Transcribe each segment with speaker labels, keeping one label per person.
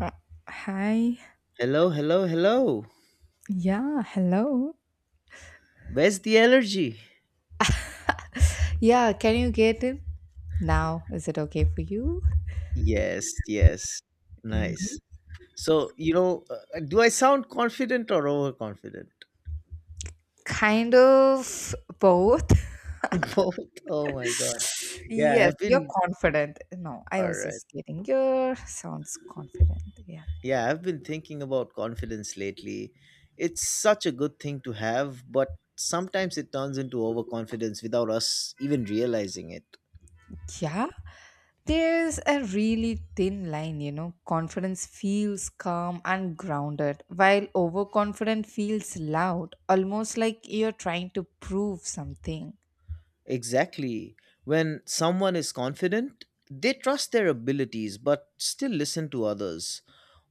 Speaker 1: Uh, hi.
Speaker 2: Hello, hello, hello.
Speaker 1: Yeah, hello.
Speaker 2: Where's the allergy?
Speaker 1: Yeah, can you get it? Now, is it okay for you?
Speaker 2: Yes, yes.
Speaker 1: Mhm.
Speaker 2: Nice. So, do I sound confident or overconfident?
Speaker 1: Kind of both.
Speaker 2: Both. Oh my God. Yeah,
Speaker 1: Yes,
Speaker 2: I've
Speaker 1: you're
Speaker 2: been,
Speaker 1: confident. No, I
Speaker 2: all
Speaker 1: was
Speaker 2: right.
Speaker 1: just kidding. You sounds confident. Yeah.
Speaker 2: Yeah, I've been thinking about confidence lately. It's such a good thing to have, but sometimes it turns into overconfidence without us even realizing it.
Speaker 1: Yeah. There's a really thin line, you know. Confidence feels calm and grounded, while overconfident feels loud, almost like you're trying to prove something.
Speaker 2: Exactly. When someone is confident, they trust their abilities but still listen to others.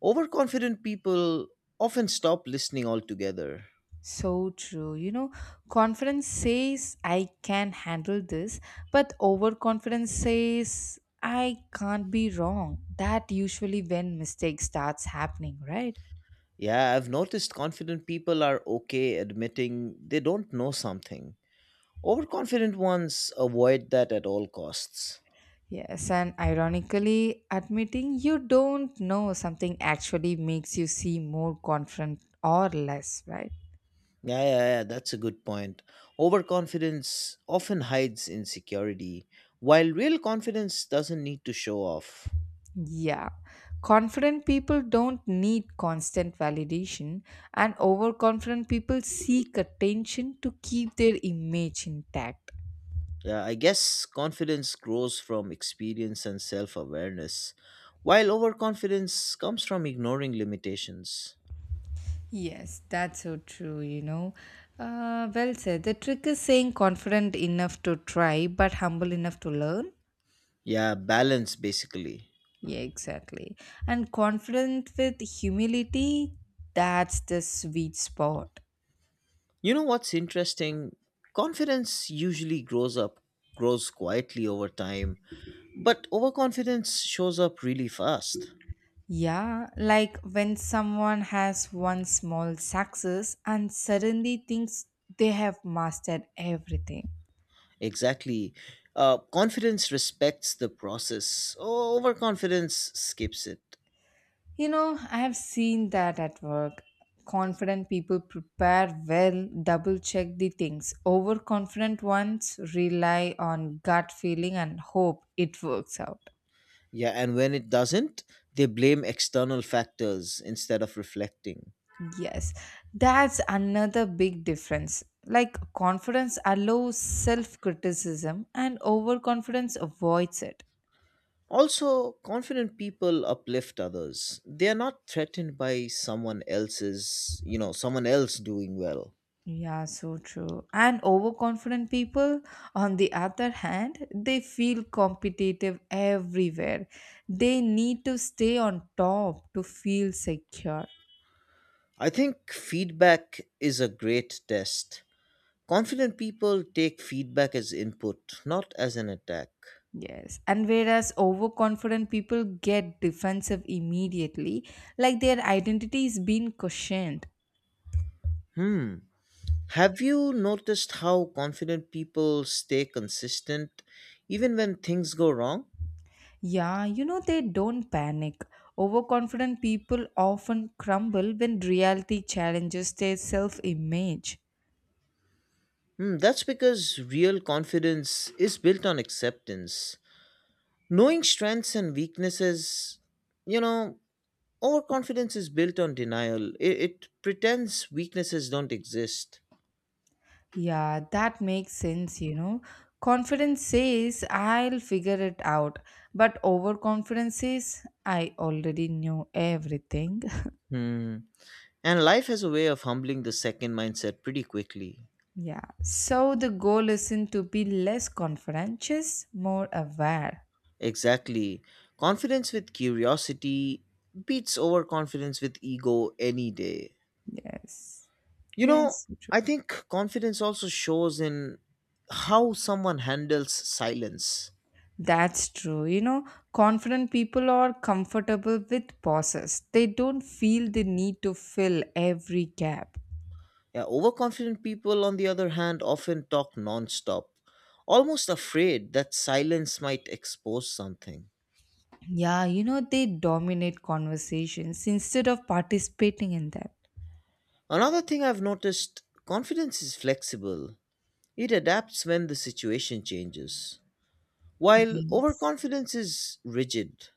Speaker 2: Overconfident people often stop listening altogether.
Speaker 1: So true. You know, confidence says I can handle this, but overconfidence says I can't be wrong. That usually when mistake starts happening, right?
Speaker 2: Yeah, I've noticed confident people are okay admitting they don't know something. Overconfident ones avoid that at all costs.
Speaker 1: Yes, and ironically, admitting you don't know something actually makes you seem more confident or less, right?
Speaker 2: Yeah, yeah, yeah, that's a good point. Overconfidence often hides insecurity, while real confidence doesn't need to show off.
Speaker 1: Yeah, confident people don't need constant validation, and overconfident people seek attention to keep their image intact.
Speaker 2: Yeah, I guess confidence grows from experience and self awareness, while overconfidence comes from ignoring limitations.
Speaker 1: Yes, that's so true, you know. Well said. The trick is saying confident enough to try, but humble enough to learn.
Speaker 2: Yeah, balance basically.
Speaker 1: Yeah, exactly. And confident with humility, that's the sweet spot.
Speaker 2: You know what's interesting? Confidence usually grows up, grows quietly over time, but overconfidence shows up really fast.
Speaker 1: Yeah, like when someone has one small success and suddenly thinks they have mastered everything.
Speaker 2: Exactly. Confidence respects the process, overconfidence skips it.
Speaker 1: You know, I have seen that at work. Confident people prepare well, double check the things. Overconfident ones rely on gut feeling and hope it works out.
Speaker 2: Yeah, and when it doesn't, they blame external factors instead of reflecting.
Speaker 1: Yes, that's another big difference. Like confidence allows self criticism and overconfidence avoids it.
Speaker 2: Also, confident people uplift others. They are not threatened by someone else doing well.
Speaker 1: Yeah, so true. And overconfident people, on the other hand, they feel competitive everywhere. They need to stay on top to feel secure.
Speaker 2: I think feedback is a great test. Confident people take feedback as input, not as an attack.
Speaker 1: Yes. And whereas overconfident people get defensive immediately, like their identity is being questioned.
Speaker 2: Hmm. Have you noticed how confident people stay consistent even when things go wrong?
Speaker 1: Yeah, you know, they don't panic. Overconfident people often crumble when reality challenges their self image.
Speaker 2: Hmm, that's because real confidence is built on acceptance. Knowing strengths and weaknesses, you know, overconfidence is built on denial. It pretends weaknesses don't exist.
Speaker 1: Yeah, that makes sense, you know. Confidence says, I'll figure it out. But overconfidence says, I already knew everything.
Speaker 2: Hmm. And life has a way of humbling the second mindset pretty quickly.
Speaker 1: Yeah. So the goal isn't to be less confident, just more aware.
Speaker 2: Exactly. Confidence with curiosity beats overconfidence with ego any day.
Speaker 1: Yes.
Speaker 2: You know,
Speaker 1: Yes, so true.
Speaker 2: I think confidence also shows in how someone handles silence.
Speaker 1: That's true. You know, confident people are comfortable with pauses. They don't feel the need to fill every gap.
Speaker 2: Yeah, overconfident people, on the other hand, often talk nonstop, almost afraid that silence might expose something.
Speaker 1: Yeah, you know, they dominate conversations instead of participating in them.
Speaker 2: Another thing I've noticed confidence is flexible, it adapts when the situation changes, while
Speaker 1: Yes.
Speaker 2: overconfidence is rigid.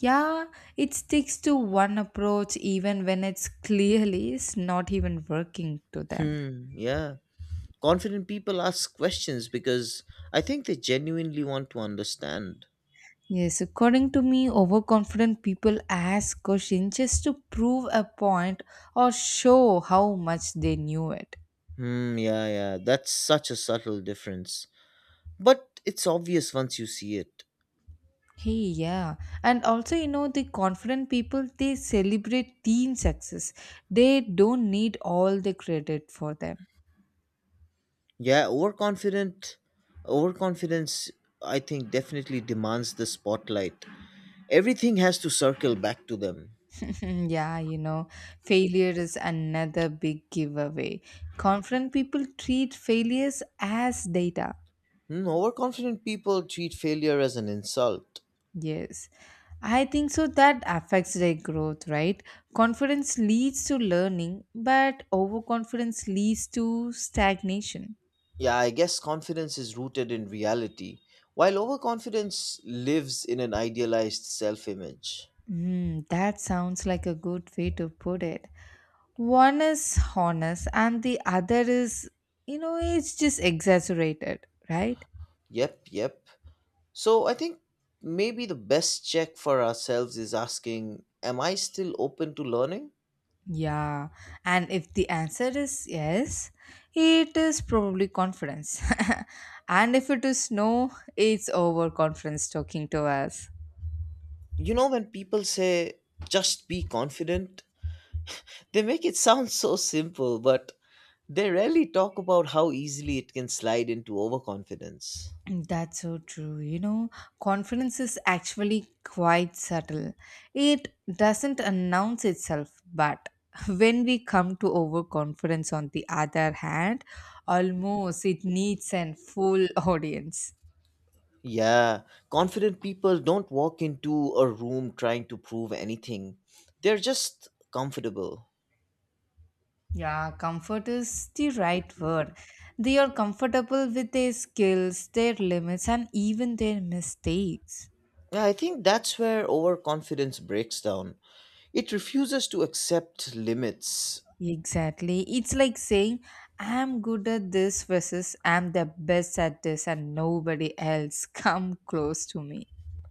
Speaker 1: Yeah, it sticks to one approach even when it's not even working to them.
Speaker 2: Hmm, yeah. Confident people ask questions because I think they genuinely want to understand.
Speaker 1: Yes, according to me, overconfident people ask questions just to prove a point or show how much they knew it.
Speaker 2: Hmm, yeah, yeah. That's such a subtle difference. But it's obvious once you see it.
Speaker 1: Hey, yeah. And also, you know, the confident people, they celebrate team success. They don't need all the credit for them.
Speaker 2: Yeah, overconfident Overconfidence I think definitely demands the spotlight. Everything has to circle back to them.
Speaker 1: Mm, yeah, you know, failure is another big giveaway. Confident people treat failures as data.
Speaker 2: Hmm, overconfident people treat failure as an insult.
Speaker 1: Yes, I think so. That affects their growth, right? Confidence leads to learning, but overconfidence leads to stagnation.
Speaker 2: Yeah, I guess confidence is rooted in reality, while overconfidence lives in an idealized self-image.
Speaker 1: Mm, that sounds like a good way to put it. One is honest, and the other is, you know, it's just exaggerated, right?
Speaker 2: Yep, yep. So I think maybe the best check for ourselves is asking, am I still open to learning?
Speaker 1: Yeah, and if the answer is yes, it is probably confidence. And if it is no, it's overconfidence talking to us.
Speaker 2: You know when people say just be confident, they make it sound so simple, but they rarely talk about how easily it can slide into overconfidence.
Speaker 1: That's so true. You know, confidence is actually quite subtle. It doesn't announce itself, but when we come to overconfidence, on the other hand, almost it needs an full audience.
Speaker 2: Yeah, confident people don't walk into a room trying to prove anything, they're just comfortable.
Speaker 1: Yeah, comfort is the right word. They are comfortable with their skills, their limits, and even their mistakes.
Speaker 2: Yeah, I think that's where overconfidence breaks down. It refuses to accept limits.
Speaker 1: Exactly. It's like saying, I'm good at this versus I'm the best at this, and nobody else come close to me.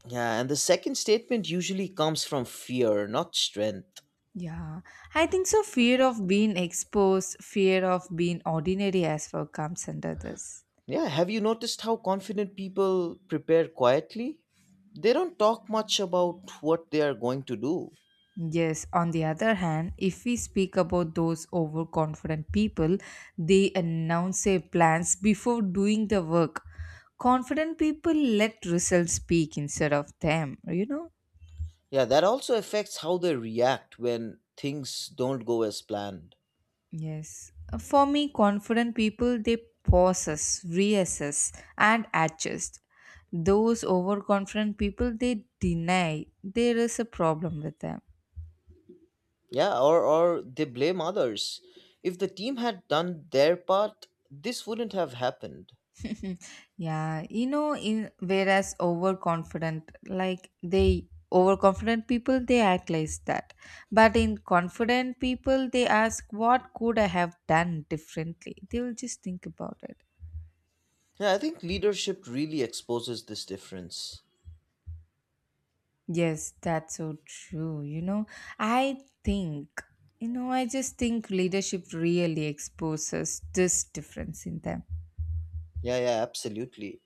Speaker 2: Yeah, and the second statement usually comes from fear, not strength.
Speaker 1: Yeah, I think so. Fear of being exposed, fear of being ordinary as well comes under this.
Speaker 2: Yeah, have you noticed how confident people prepare quietly? They don't talk much about what they are going to do.
Speaker 1: Yes, on the other hand, if we speak about those overconfident people, they announce their plans before doing the work. Confident people let results speak instead of them, you know?
Speaker 2: Yeah, that also affects how they react when things don't go as planned.
Speaker 1: Yes. For me, confident people, they pauses, reassess, and adjust. Those overconfident people, they deny there is a problem with them.
Speaker 2: Yeah, or they blame others. If the team had done their part, this wouldn't have happened.
Speaker 1: Yeah, you know, in whereas overconfident like they overconfident people they act like that, but in confident people they ask what could I have done differently. They will just think about it.
Speaker 2: Yeah, I think leadership really exposes this difference.
Speaker 1: Yes, that's so true, you know. I think you know i just think leadership really exposes this difference in them.
Speaker 2: Yeah, yeah, absolutely.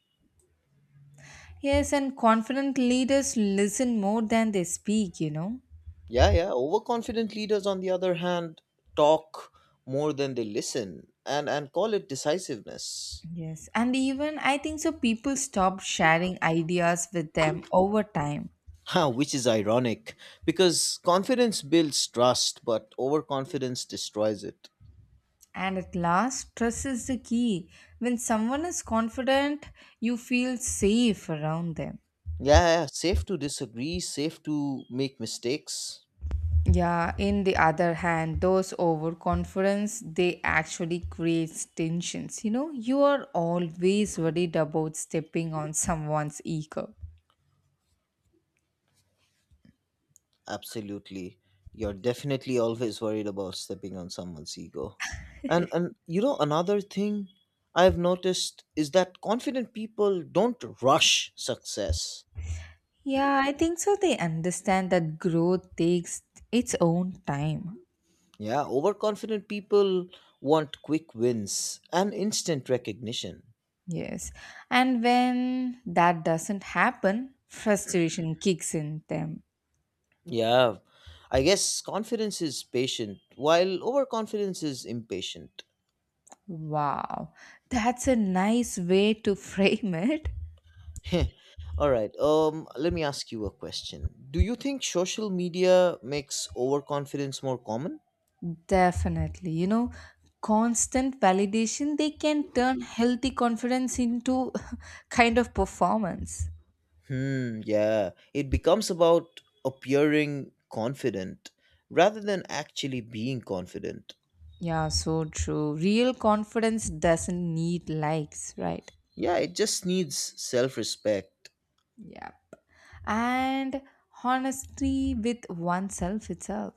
Speaker 1: Yes, and confident leaders listen more than they speak, you know.
Speaker 2: Yeah, yeah. Overconfident leaders, on the other hand, talk more than they listen and call it decisiveness.
Speaker 1: Yes, and even I think so people stop sharing ideas with them over time.
Speaker 2: Huh, which is ironic because confidence builds trust, but overconfidence destroys it.
Speaker 1: And at last, trust is the key. When someone is confident, you feel safe around them.
Speaker 2: Yeah, yeah, safe to disagree, safe to make mistakes.
Speaker 1: Yeah, in the other hand, those overconfidence they actually creates tensions. You know, you are always worried about stepping on someone's ego.
Speaker 2: Absolutely. You're definitely always worried about stepping on someone's ego. And you know another thing I've noticed is that confident people don't rush success.
Speaker 1: Yeah, I think so they understand that growth takes its own time.
Speaker 2: Yeah, overconfident people want quick wins and instant recognition.
Speaker 1: Yes. And when that doesn't happen, frustration kicks in them.
Speaker 2: Yeah, I guess confidence is patient, while overconfidence is impatient.
Speaker 1: Wow. That's a nice way to frame it.
Speaker 2: Heh. All right, let me ask you a question. Do you think social media makes overconfidence more common?
Speaker 1: Definitely. You know, constant validation, they can turn healthy confidence into kind of performance.
Speaker 2: Hmm, yeah, it becomes about appearing confident rather than actually being confident.
Speaker 1: Yeah, so true. Real confidence doesn't need likes, right?
Speaker 2: Yeah, it just needs self respect.
Speaker 1: Yeah. And honesty with oneself itself.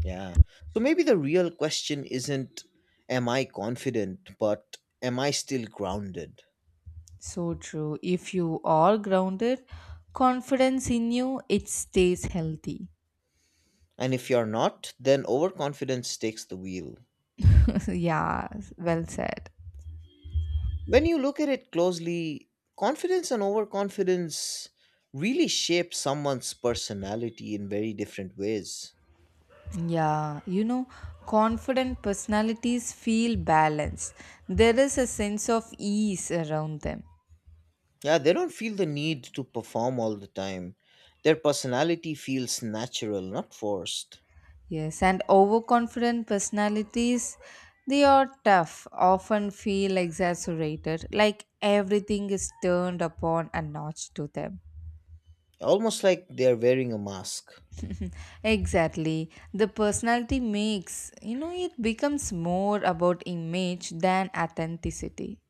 Speaker 2: Yeah. So maybe the real question isn't, am I confident, but am I still grounded?
Speaker 1: So true. If you are grounded, confidence in you, it stays healthy.
Speaker 2: And if you're not, then overconfidence takes the wheel.
Speaker 1: Yeah, well said.
Speaker 2: When you look at it closely, confidence and overconfidence really shape someone's personality in very different ways.
Speaker 1: Yeah, you know, confident personalities feel balanced. There is a sense of ease around them.
Speaker 2: Yeah, they don't feel the need to perform all the time. Their personality feels natural, not forced.
Speaker 1: Yes, and overconfident personalities, they are tough, often feel exaggerated, like everything is turned upon a notch to them.
Speaker 2: Almost like they're wearing a mask.
Speaker 1: Exactly. The personality makes, you know, it becomes more about image than authenticity.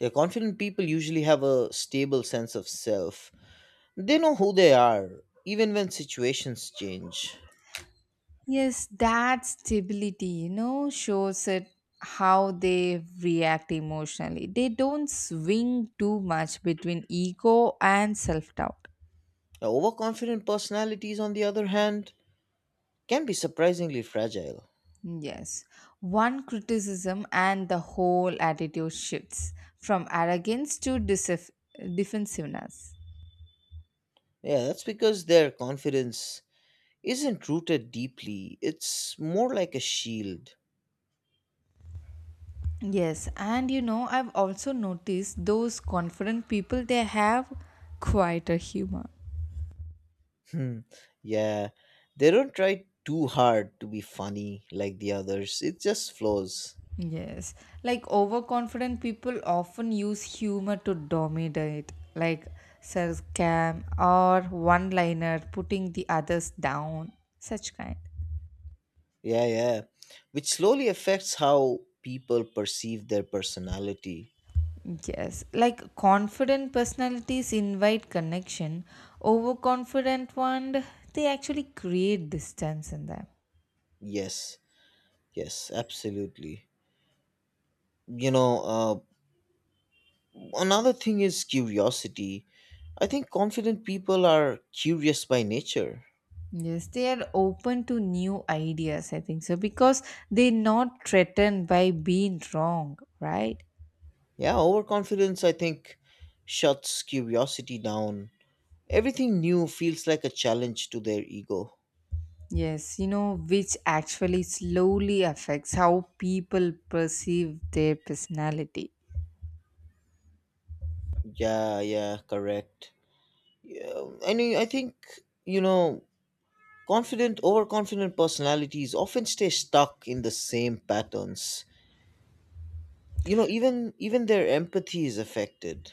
Speaker 2: Yeah, confident people usually have a stable sense of self. They know who they are, even when situations change.
Speaker 1: Yes, that stability, you know, shows it how they react emotionally. They don't swing too much between ego and self doubt.
Speaker 2: Overconfident personalities, on the other hand, can be surprisingly fragile.
Speaker 1: Yes, one criticism and the whole attitude shifts from arrogance to defensiveness.
Speaker 2: Yeah, that's because their confidence isn't rooted deeply, it's more like a shield.
Speaker 1: Yes, and you know, I've also noticed those confident people, they have quieter humor.
Speaker 2: Hmm, yeah, they don't try too hard to be funny like the others, it just flows.
Speaker 1: Yes, like overconfident people often use humor to dominate, like sarcasm or one liner, putting the others down, such kind.
Speaker 2: Yeah, yeah, which slowly affects how people perceive their personality.
Speaker 1: Yes, like confident personalities invite connection, overconfident one, they actually create distance in them.
Speaker 2: Yes, yes, absolutely. You know, Another thing is curiosity. I think confident people are curious by nature.
Speaker 1: Yes, they are open to new ideas, I think so, because they're not threatened by being wrong, right?
Speaker 2: Yeah, overconfidence, I think, shuts curiosity down. Everything new feels like a challenge to their ego.
Speaker 1: Yes, you know, which actually slowly affects how people perceive their personality.
Speaker 2: Yeah, yeah, correct. Yeah, I mean, I think, you know, Confident, overconfident personalities often stay stuck in the same patterns. You know, even their empathy is affected.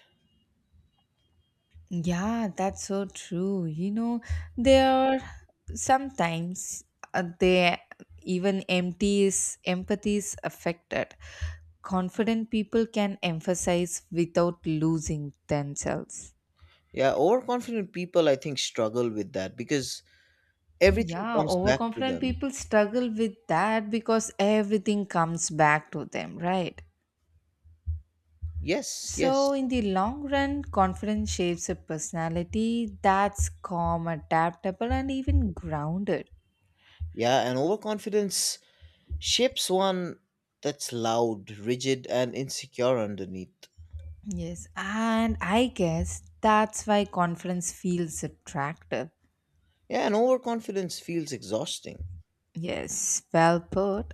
Speaker 1: Yeah, that's so true. You know, they are sometimes they even empty is empathy is affected. Confident people can emphasize without losing themselves.
Speaker 2: Yeah, overconfident people, I think, struggle with that because everything
Speaker 1: Yeah,
Speaker 2: comes back to
Speaker 1: overconfident
Speaker 2: them.
Speaker 1: people struggle with that because everything comes back to them, right?
Speaker 2: Yes,
Speaker 1: So,
Speaker 2: yes.
Speaker 1: in the long run, confidence shapes a personality that's calm, adaptable, and even grounded.
Speaker 2: Yeah, and overconfidence shapes one that's loud, rigid, and insecure underneath.
Speaker 1: Yes, and I guess that's why confidence feels attractive.
Speaker 2: Yeah, and overconfidence feels exhausting.
Speaker 1: Yes, well put.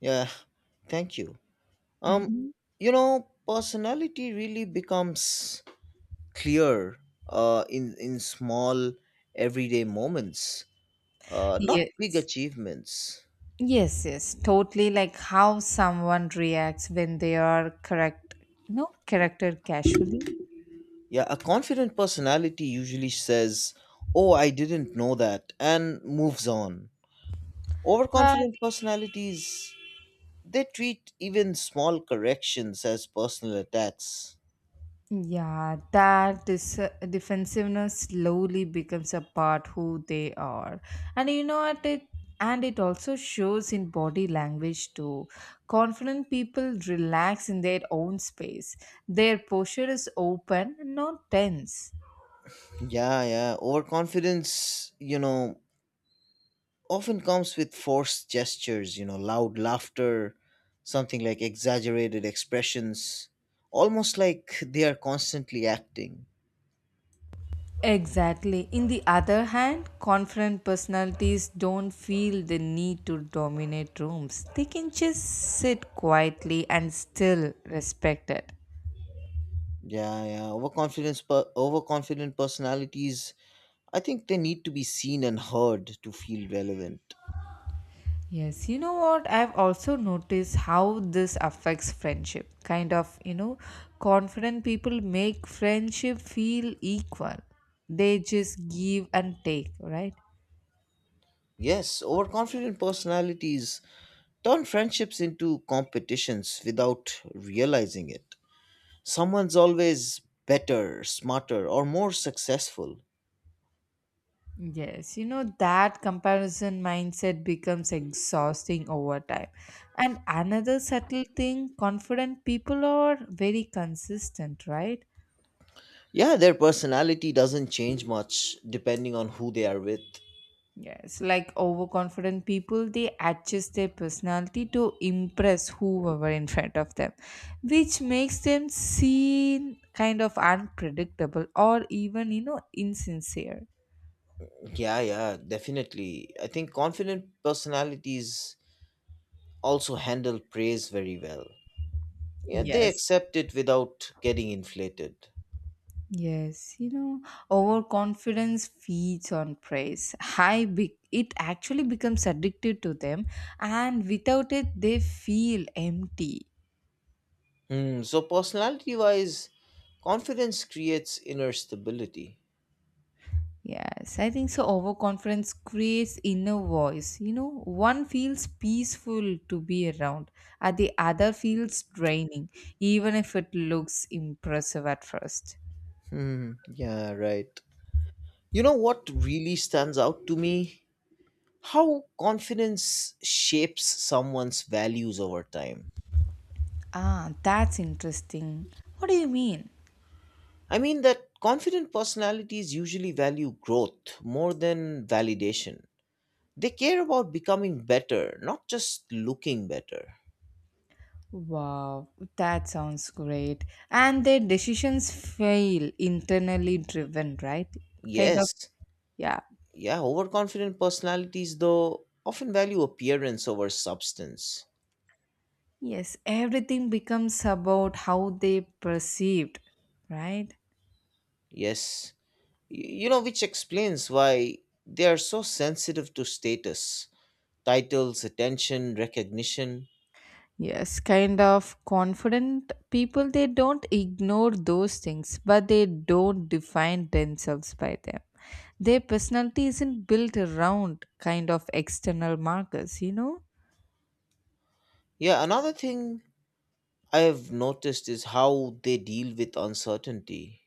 Speaker 2: Yeah, thank you. Um,
Speaker 1: Hmm.
Speaker 2: you know, personality really becomes clear in small everyday moments, not big
Speaker 1: Yes.
Speaker 2: achievements.
Speaker 1: Yes, yes, totally like how someone reacts when they are correct, no, corrected casually.
Speaker 2: Yeah, a confident personality usually says, "Oh, I didn't know that," and moves on.
Speaker 1: But
Speaker 2: Overconfident personalities, they treat even small corrections as personal attacks.
Speaker 1: yeah, that defensiveness slowly becomes a part who they are, and you know what it. And it also shows in body language too. Confident people relax in their own space. Their posture is open, not tense.
Speaker 2: Yeah, yeah. Overconfidence, you know, often comes with forced gestures, you know, loud laughter, something like exaggerated expressions, almost like they are constantly acting.
Speaker 1: Exactly. In the other hand, confident personalities don't feel the need to dominate rooms. They can just sit quietly and still respect it.
Speaker 2: Yeah, yeah. Overconfident personalities I think they need to be seen and heard to feel relevant.
Speaker 1: Yes, you know what? I've also noticed how this affects friendship. Kind of, you know, confident people make friendship feel equal. They just give and take, right?
Speaker 2: Yes, overconfident personalities turn friendships into competitions without realizing it. Someone's always better, smarter, or more successful.
Speaker 1: Yes, you know, that comparison mindset becomes exhausting over time. And another subtle thing confident people are very consistent, right?
Speaker 2: Yeah, their personality doesn't change much depending on who they are with.
Speaker 1: Yes, like overconfident people, they adjust their personality to impress whoever in front of them, which makes them seem kind of unpredictable or even, you know, insincere.
Speaker 2: Yeah, yeah, definitely. I think confident personalities also handle praise very well. Yeah, they
Speaker 1: Yes.
Speaker 2: accept it without getting inflated.
Speaker 1: Yes, you know, overconfidence feeds on praise. It actually becomes addictive to them, and without it, they feel empty.
Speaker 2: Hmm. So, personality wise, confidence creates inner stability.
Speaker 1: Yes, I think so. Overconfidence creates inner voice. You know, one feels peaceful to be around, and the other feels draining, even if it looks impressive at first.
Speaker 2: Hmm. Yeah, right. You know what really stands out to me? How confidence shapes someone's values over time.
Speaker 1: Ah, that's interesting. What do you mean?
Speaker 2: I mean, that confident personalities usually value growth more than validation. They care about becoming better, not just looking better.
Speaker 1: Wow, that sounds great. And their decisions fail internally driven, right? Kind of,
Speaker 2: Yes.
Speaker 1: yeah.
Speaker 2: Yeah, overconfident personalities, though, often value appearance over substance.
Speaker 1: Yes, everything becomes about how they perceived, right?
Speaker 2: Yes, you know, which explains why they are so sensitive to status, titles, attention, recognition.
Speaker 1: Yes, kind of confident people, they don't ignore those things, but they don't define themselves by them. Their personality isn't built around kind of external markers, you know?
Speaker 2: Yeah, another thing I have noticed is how they deal with uncertainty.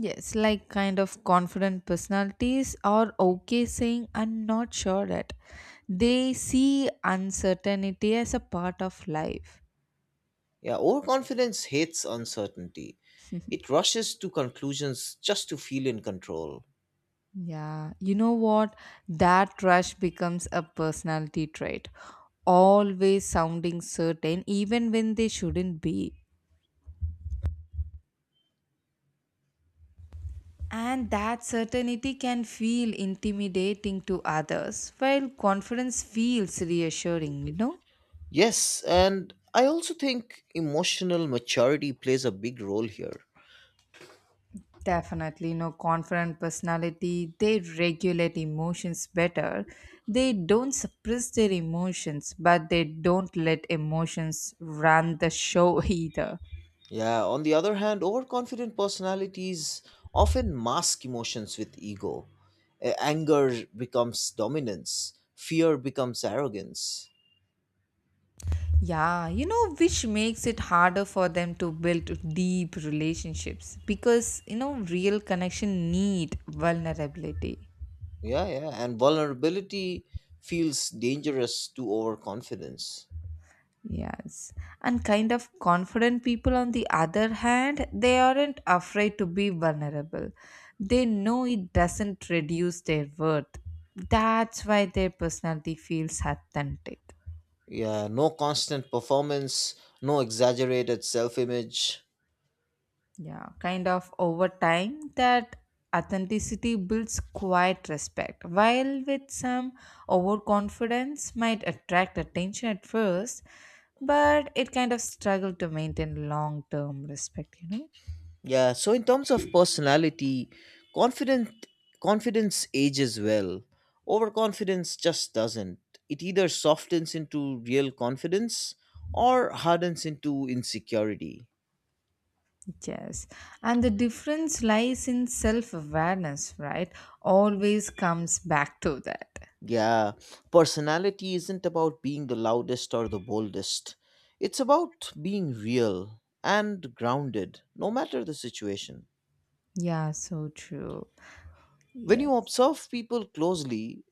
Speaker 1: Yes, like kind of confident personalities are okay saying, I'm not sure that. They see uncertainty as a part of life.
Speaker 2: Yeah, overconfidence hates uncertainty, it rushes to conclusions just to feel in control.
Speaker 1: Yeah, you know what? That rush becomes a personality trait, always sounding certain even when they shouldn't be, and that certainty can feel intimidating to others while confidence feels reassuring, you know.
Speaker 2: Yes, and I also think emotional maturity plays a big role here.
Speaker 1: Definitely, you know, confident personality they regulate emotions better. They don't suppress their emotions, but they don't let emotions run the show either.
Speaker 2: Yeah, on the other hand, overconfident personalities often mask emotions with ego. Anger becomes dominance, fear becomes arrogance.
Speaker 1: Yeah, you know, which makes it harder for them to build deep relationships because, you know, real connection need vulnerability.
Speaker 2: Yeah, yeah, and vulnerability feels dangerous to overconfidence.
Speaker 1: Yes. And kind of confident people, on the other hand, they aren't afraid to be vulnerable. They know it doesn't reduce their worth. That's why their personality feels authentic.
Speaker 2: Yeah, no constant performance, no exaggerated self image.
Speaker 1: Yeah, kind of over time that authenticity builds quiet respect, while with some overconfidence might attract attention at first, but it kind of struggle to maintain long term respect, you know?
Speaker 2: Yeah, so in terms of personality, confident confidence ages well. Overconfidence just doesn't. It either softens into real confidence or hardens into insecurity.
Speaker 1: Yes. And the difference lies in self awareness, right? Always comes back to that.
Speaker 2: Yeah, personality isn't about being the loudest or the boldest. It's about being real and grounded, no matter the situation.
Speaker 1: Yeah, so true.
Speaker 2: When
Speaker 1: Yes.
Speaker 2: you observe people closely,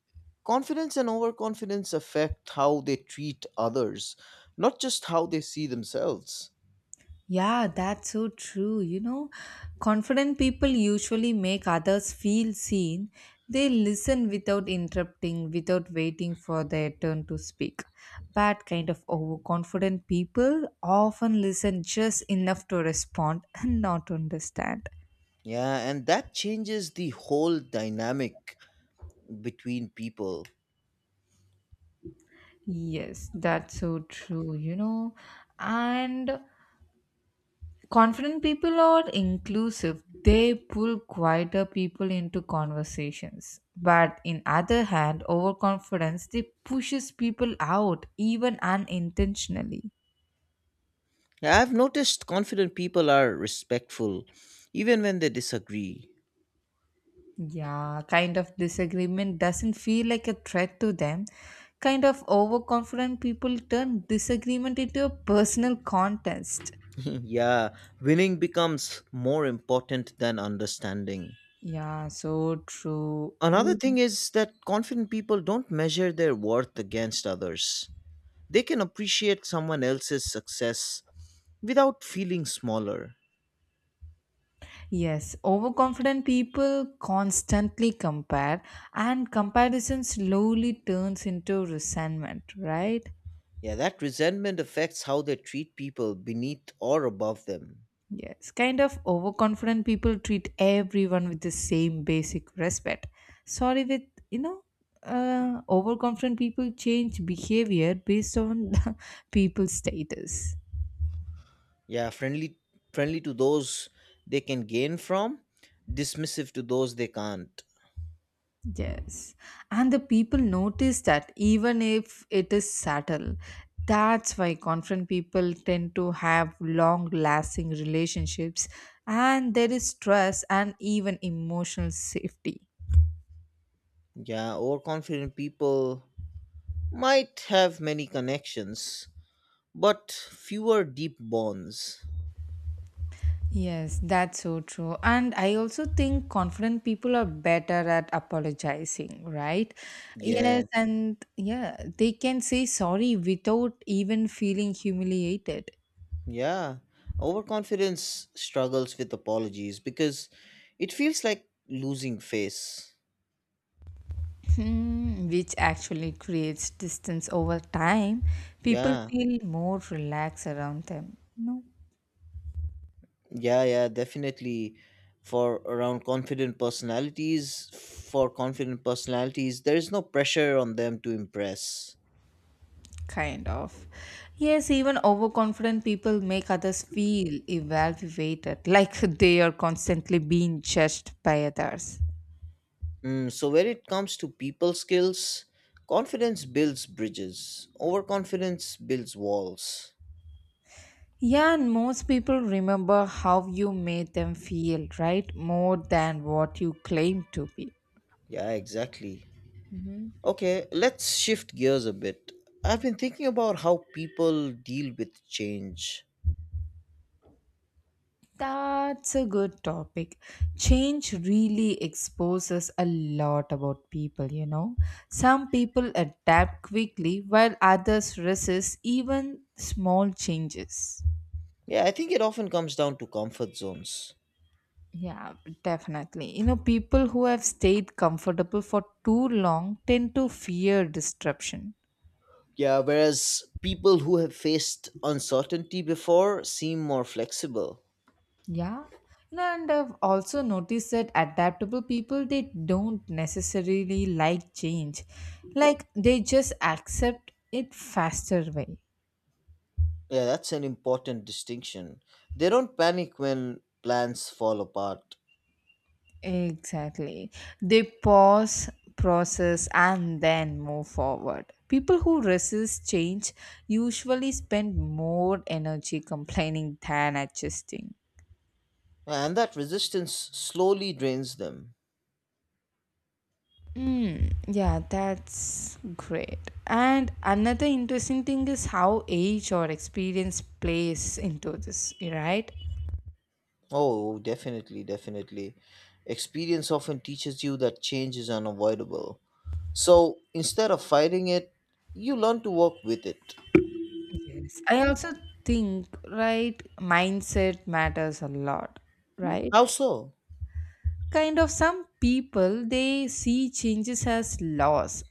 Speaker 2: confidence and overconfidence affect how they treat others, not just how they see themselves.
Speaker 1: Yeah, that's so true. You know, confident people usually make others feel seen. They listen without interrupting, without waiting for their turn to speak. But kind of overconfident people often listen just enough to respond and not understand.
Speaker 2: Yeah, and that changes the whole dynamic between people.
Speaker 1: Yes, that's so true, you know. And confident people are inclusive, they pull quieter people into conversations, but in other hand overconfidence, they pushes people out even unintentionally.
Speaker 2: Yeah, I've noticed confident people are respectful, even when they disagree.
Speaker 1: Yeah, kind of disagreement doesn't feel like a threat to them. Kind of overconfident people turn disagreement into a personal contest.
Speaker 2: Yeah, winning becomes more important than understanding.
Speaker 1: Yeah, so true
Speaker 2: Another
Speaker 1: you.
Speaker 2: thing is that confident people don't measure their worth against others. They can appreciate someone else's success without feeling smaller.
Speaker 1: Yes, overconfident people constantly compare, and comparison slowly turns into resentment, right?
Speaker 2: Yeah, that resentment affects how they treat people beneath or above them.
Speaker 1: Yes, kind of overconfident people treat everyone with the same basic respect. Sorry, with you know, overconfident people change behavior based on people's status.
Speaker 2: Yeah, friendly to those they can gain from, dismissive to those they can't.
Speaker 1: Yes. And the people notice that even if it is subtle, that's why confront people tend to have long lasting relationships, and there is trust and even emotional safety.
Speaker 2: Yeah, overconfident people might have many connections, but fewer deep bonds.
Speaker 1: Yes, that's so true. And I also think confident people are better at apologizing, right? Yes,
Speaker 2: Yeah.
Speaker 1: and yeah, they can say sorry without even feeling humiliated.
Speaker 2: Yeah, overconfidence struggles with apologies because it feels like losing face.
Speaker 1: Hmm, which actually creates distance over time. People
Speaker 2: Yeah,
Speaker 1: feel more relaxed around them. No,
Speaker 2: yeah, yeah, definitely. For confident personalities, there is no pressure on them to impress.
Speaker 1: kind of. Yes, even overconfident people make others feel evaluated, like they are constantly being judged by others.
Speaker 2: Mm, so when it comes to people skills, confidence builds bridges. Overconfidence builds walls.
Speaker 1: Yeah, and most people remember how you made them feel, right? More than what you claim to be.
Speaker 2: Yeah, exactly.
Speaker 1: Mm-hmm.
Speaker 2: Okay, let's shift gears a bit. I've been thinking about how people deal with change.
Speaker 1: That's a good topic. Change really exposes a lot about people. Some people adapt quickly while others resist even small changes.
Speaker 2: Yeah, I think it often comes down to comfort zones.
Speaker 1: Yeah, definitely. You know, people who have stayed comfortable for too long tend to fear disruption.
Speaker 2: Yeah, whereas people who have faced uncertainty before seem more flexible.
Speaker 1: Yeah. You know, and I've also noticed that adaptable people, they don't necessarily like change. Like they just accept it faster way.
Speaker 2: Yeah, that's an important distinction. They don't panic when plans fall apart.
Speaker 1: Exactly. They pause, process and then move forward. People who resist change usually spend more energy complaining than adjusting.
Speaker 2: Yeah, and that resistance slowly drains them.
Speaker 1: Mm, yeah, that's great. And another interesting thing is how age or experience plays into this, right?
Speaker 2: Oh, definitely, definitely. Experience often teaches you that change is unavoidable. So instead of fighting it, you learn to work with it.
Speaker 1: Yes. I also think, right, mindset matters a lot, right?
Speaker 2: How so?
Speaker 1: Kind of some people they see changes as loss,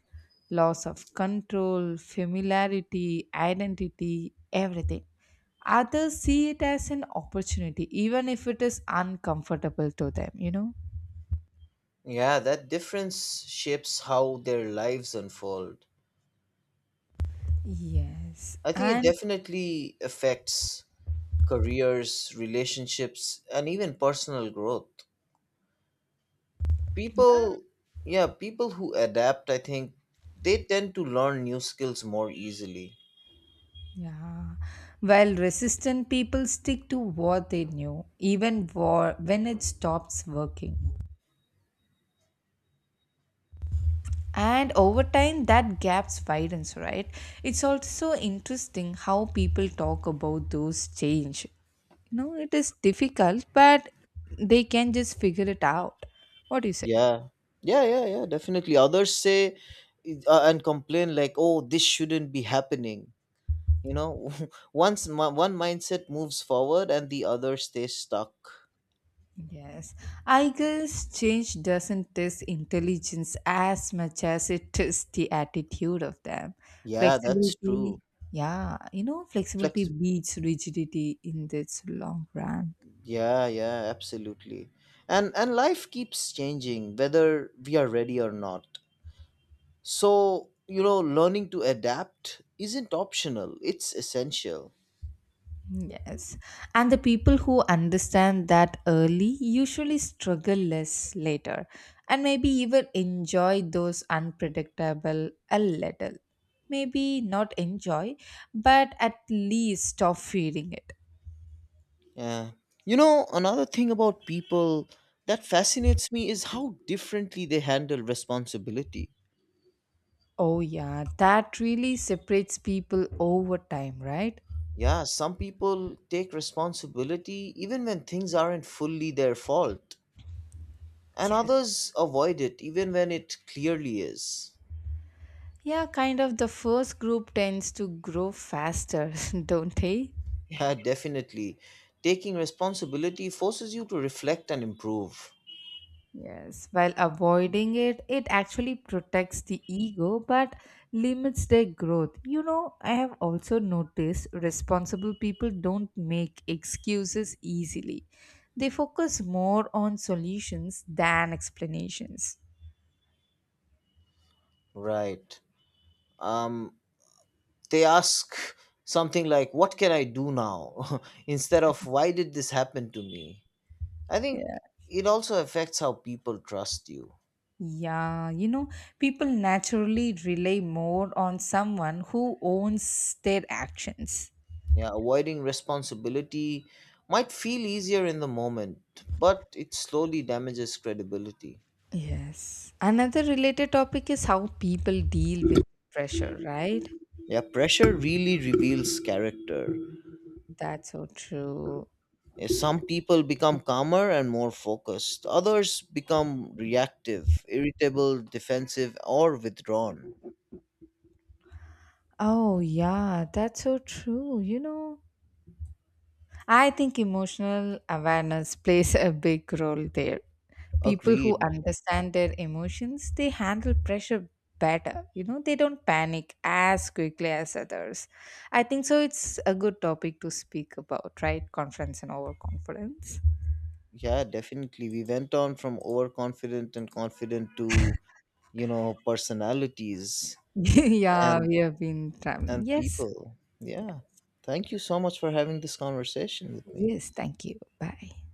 Speaker 1: loss of control, familiarity, identity, everything. Others see it as an opportunity, even if it is uncomfortable to them?
Speaker 2: Yeah, that difference shapes how their lives unfold.
Speaker 1: Yes,
Speaker 2: I think it
Speaker 1: and
Speaker 2: definitely affects careers, relationships, and even personal growth. People, yeah, People who adapt, I think they tend to learn new skills more easily.
Speaker 1: yeah, while resistant people stick to what they knew, even war when it stops working. And over time, that gaps widens, right? It's also interesting how people talk about those change. It is difficult, but they can just figure it out. What do you say?
Speaker 2: Yeah, yeah, definitely. Others say and complain like, "Oh, this shouldn't be happening." You know, one mindset moves forward and the other stays stuck.
Speaker 1: Yes, I guess change doesn't test intelligence as much as it tests the attitude of them.
Speaker 2: Yeah, that's
Speaker 1: Flexibility,
Speaker 2: true.
Speaker 1: yeah, flexibility
Speaker 2: Flexible.
Speaker 1: beats rigidity in this long run.
Speaker 2: Yeah, yeah, absolutely. And life keeps changing whether we are ready or not. So, you know, learning to adapt isn't optional, it's essential.
Speaker 1: Yes, and the people who understand that early usually struggle less later and maybe even enjoy those unpredictable a little. Maybe not enjoy, but at least stop fearing it.
Speaker 2: Yeah. You know, another thing about people that fascinates me is how differently they handle responsibility.
Speaker 1: Oh, yeah, that really separates people over time, right?
Speaker 2: Yeah, some people take responsibility even when things aren't fully their fault, and
Speaker 1: Yes.
Speaker 2: others avoid it even when it clearly is.
Speaker 1: Yeah, kind of the first group tends to grow faster, don't they?
Speaker 2: Yeah, definitely. Taking responsibility forces you to reflect and improve.
Speaker 1: Yes, while avoiding it, it actually protects the ego but limits their growth. I have also noticed responsible people don't make excuses easily, they focus more on solutions than explanations.
Speaker 2: Right. Um, they ask something like, "What can I do now?" instead of, "Why did this happen to me?" I think it also affects how people trust you.
Speaker 1: Yeah, people naturally rely more on someone who owns their actions.
Speaker 2: Yeah, avoiding responsibility might feel easier in the moment, but it slowly damages credibility.
Speaker 1: Yes. Another related topic is how people deal with pressure, right?
Speaker 2: Yeah, pressure really reveals character.
Speaker 1: That's so true.
Speaker 2: Yeah, some people become calmer and more focused. Others become reactive, irritable, defensive, or withdrawn.
Speaker 1: Oh, yeah, that's so true. I think emotional awareness plays a big role there. People who
Speaker 2: Agreed.
Speaker 1: understand their emotions, they handle pressure better, they don't panic as quickly as others. I think so, it's a good topic to speak about, right? Confidence and overconfidence.
Speaker 2: Yeah, definitely. We went on from overconfident and confident to, you know, personalities
Speaker 1: Yeah,
Speaker 2: and
Speaker 1: we have been traveling.
Speaker 2: and
Speaker 1: Yes,
Speaker 2: people.
Speaker 1: yeah.
Speaker 2: Yeah. Thank you so much for having this conversation with me.
Speaker 1: Yes, thank you, bye.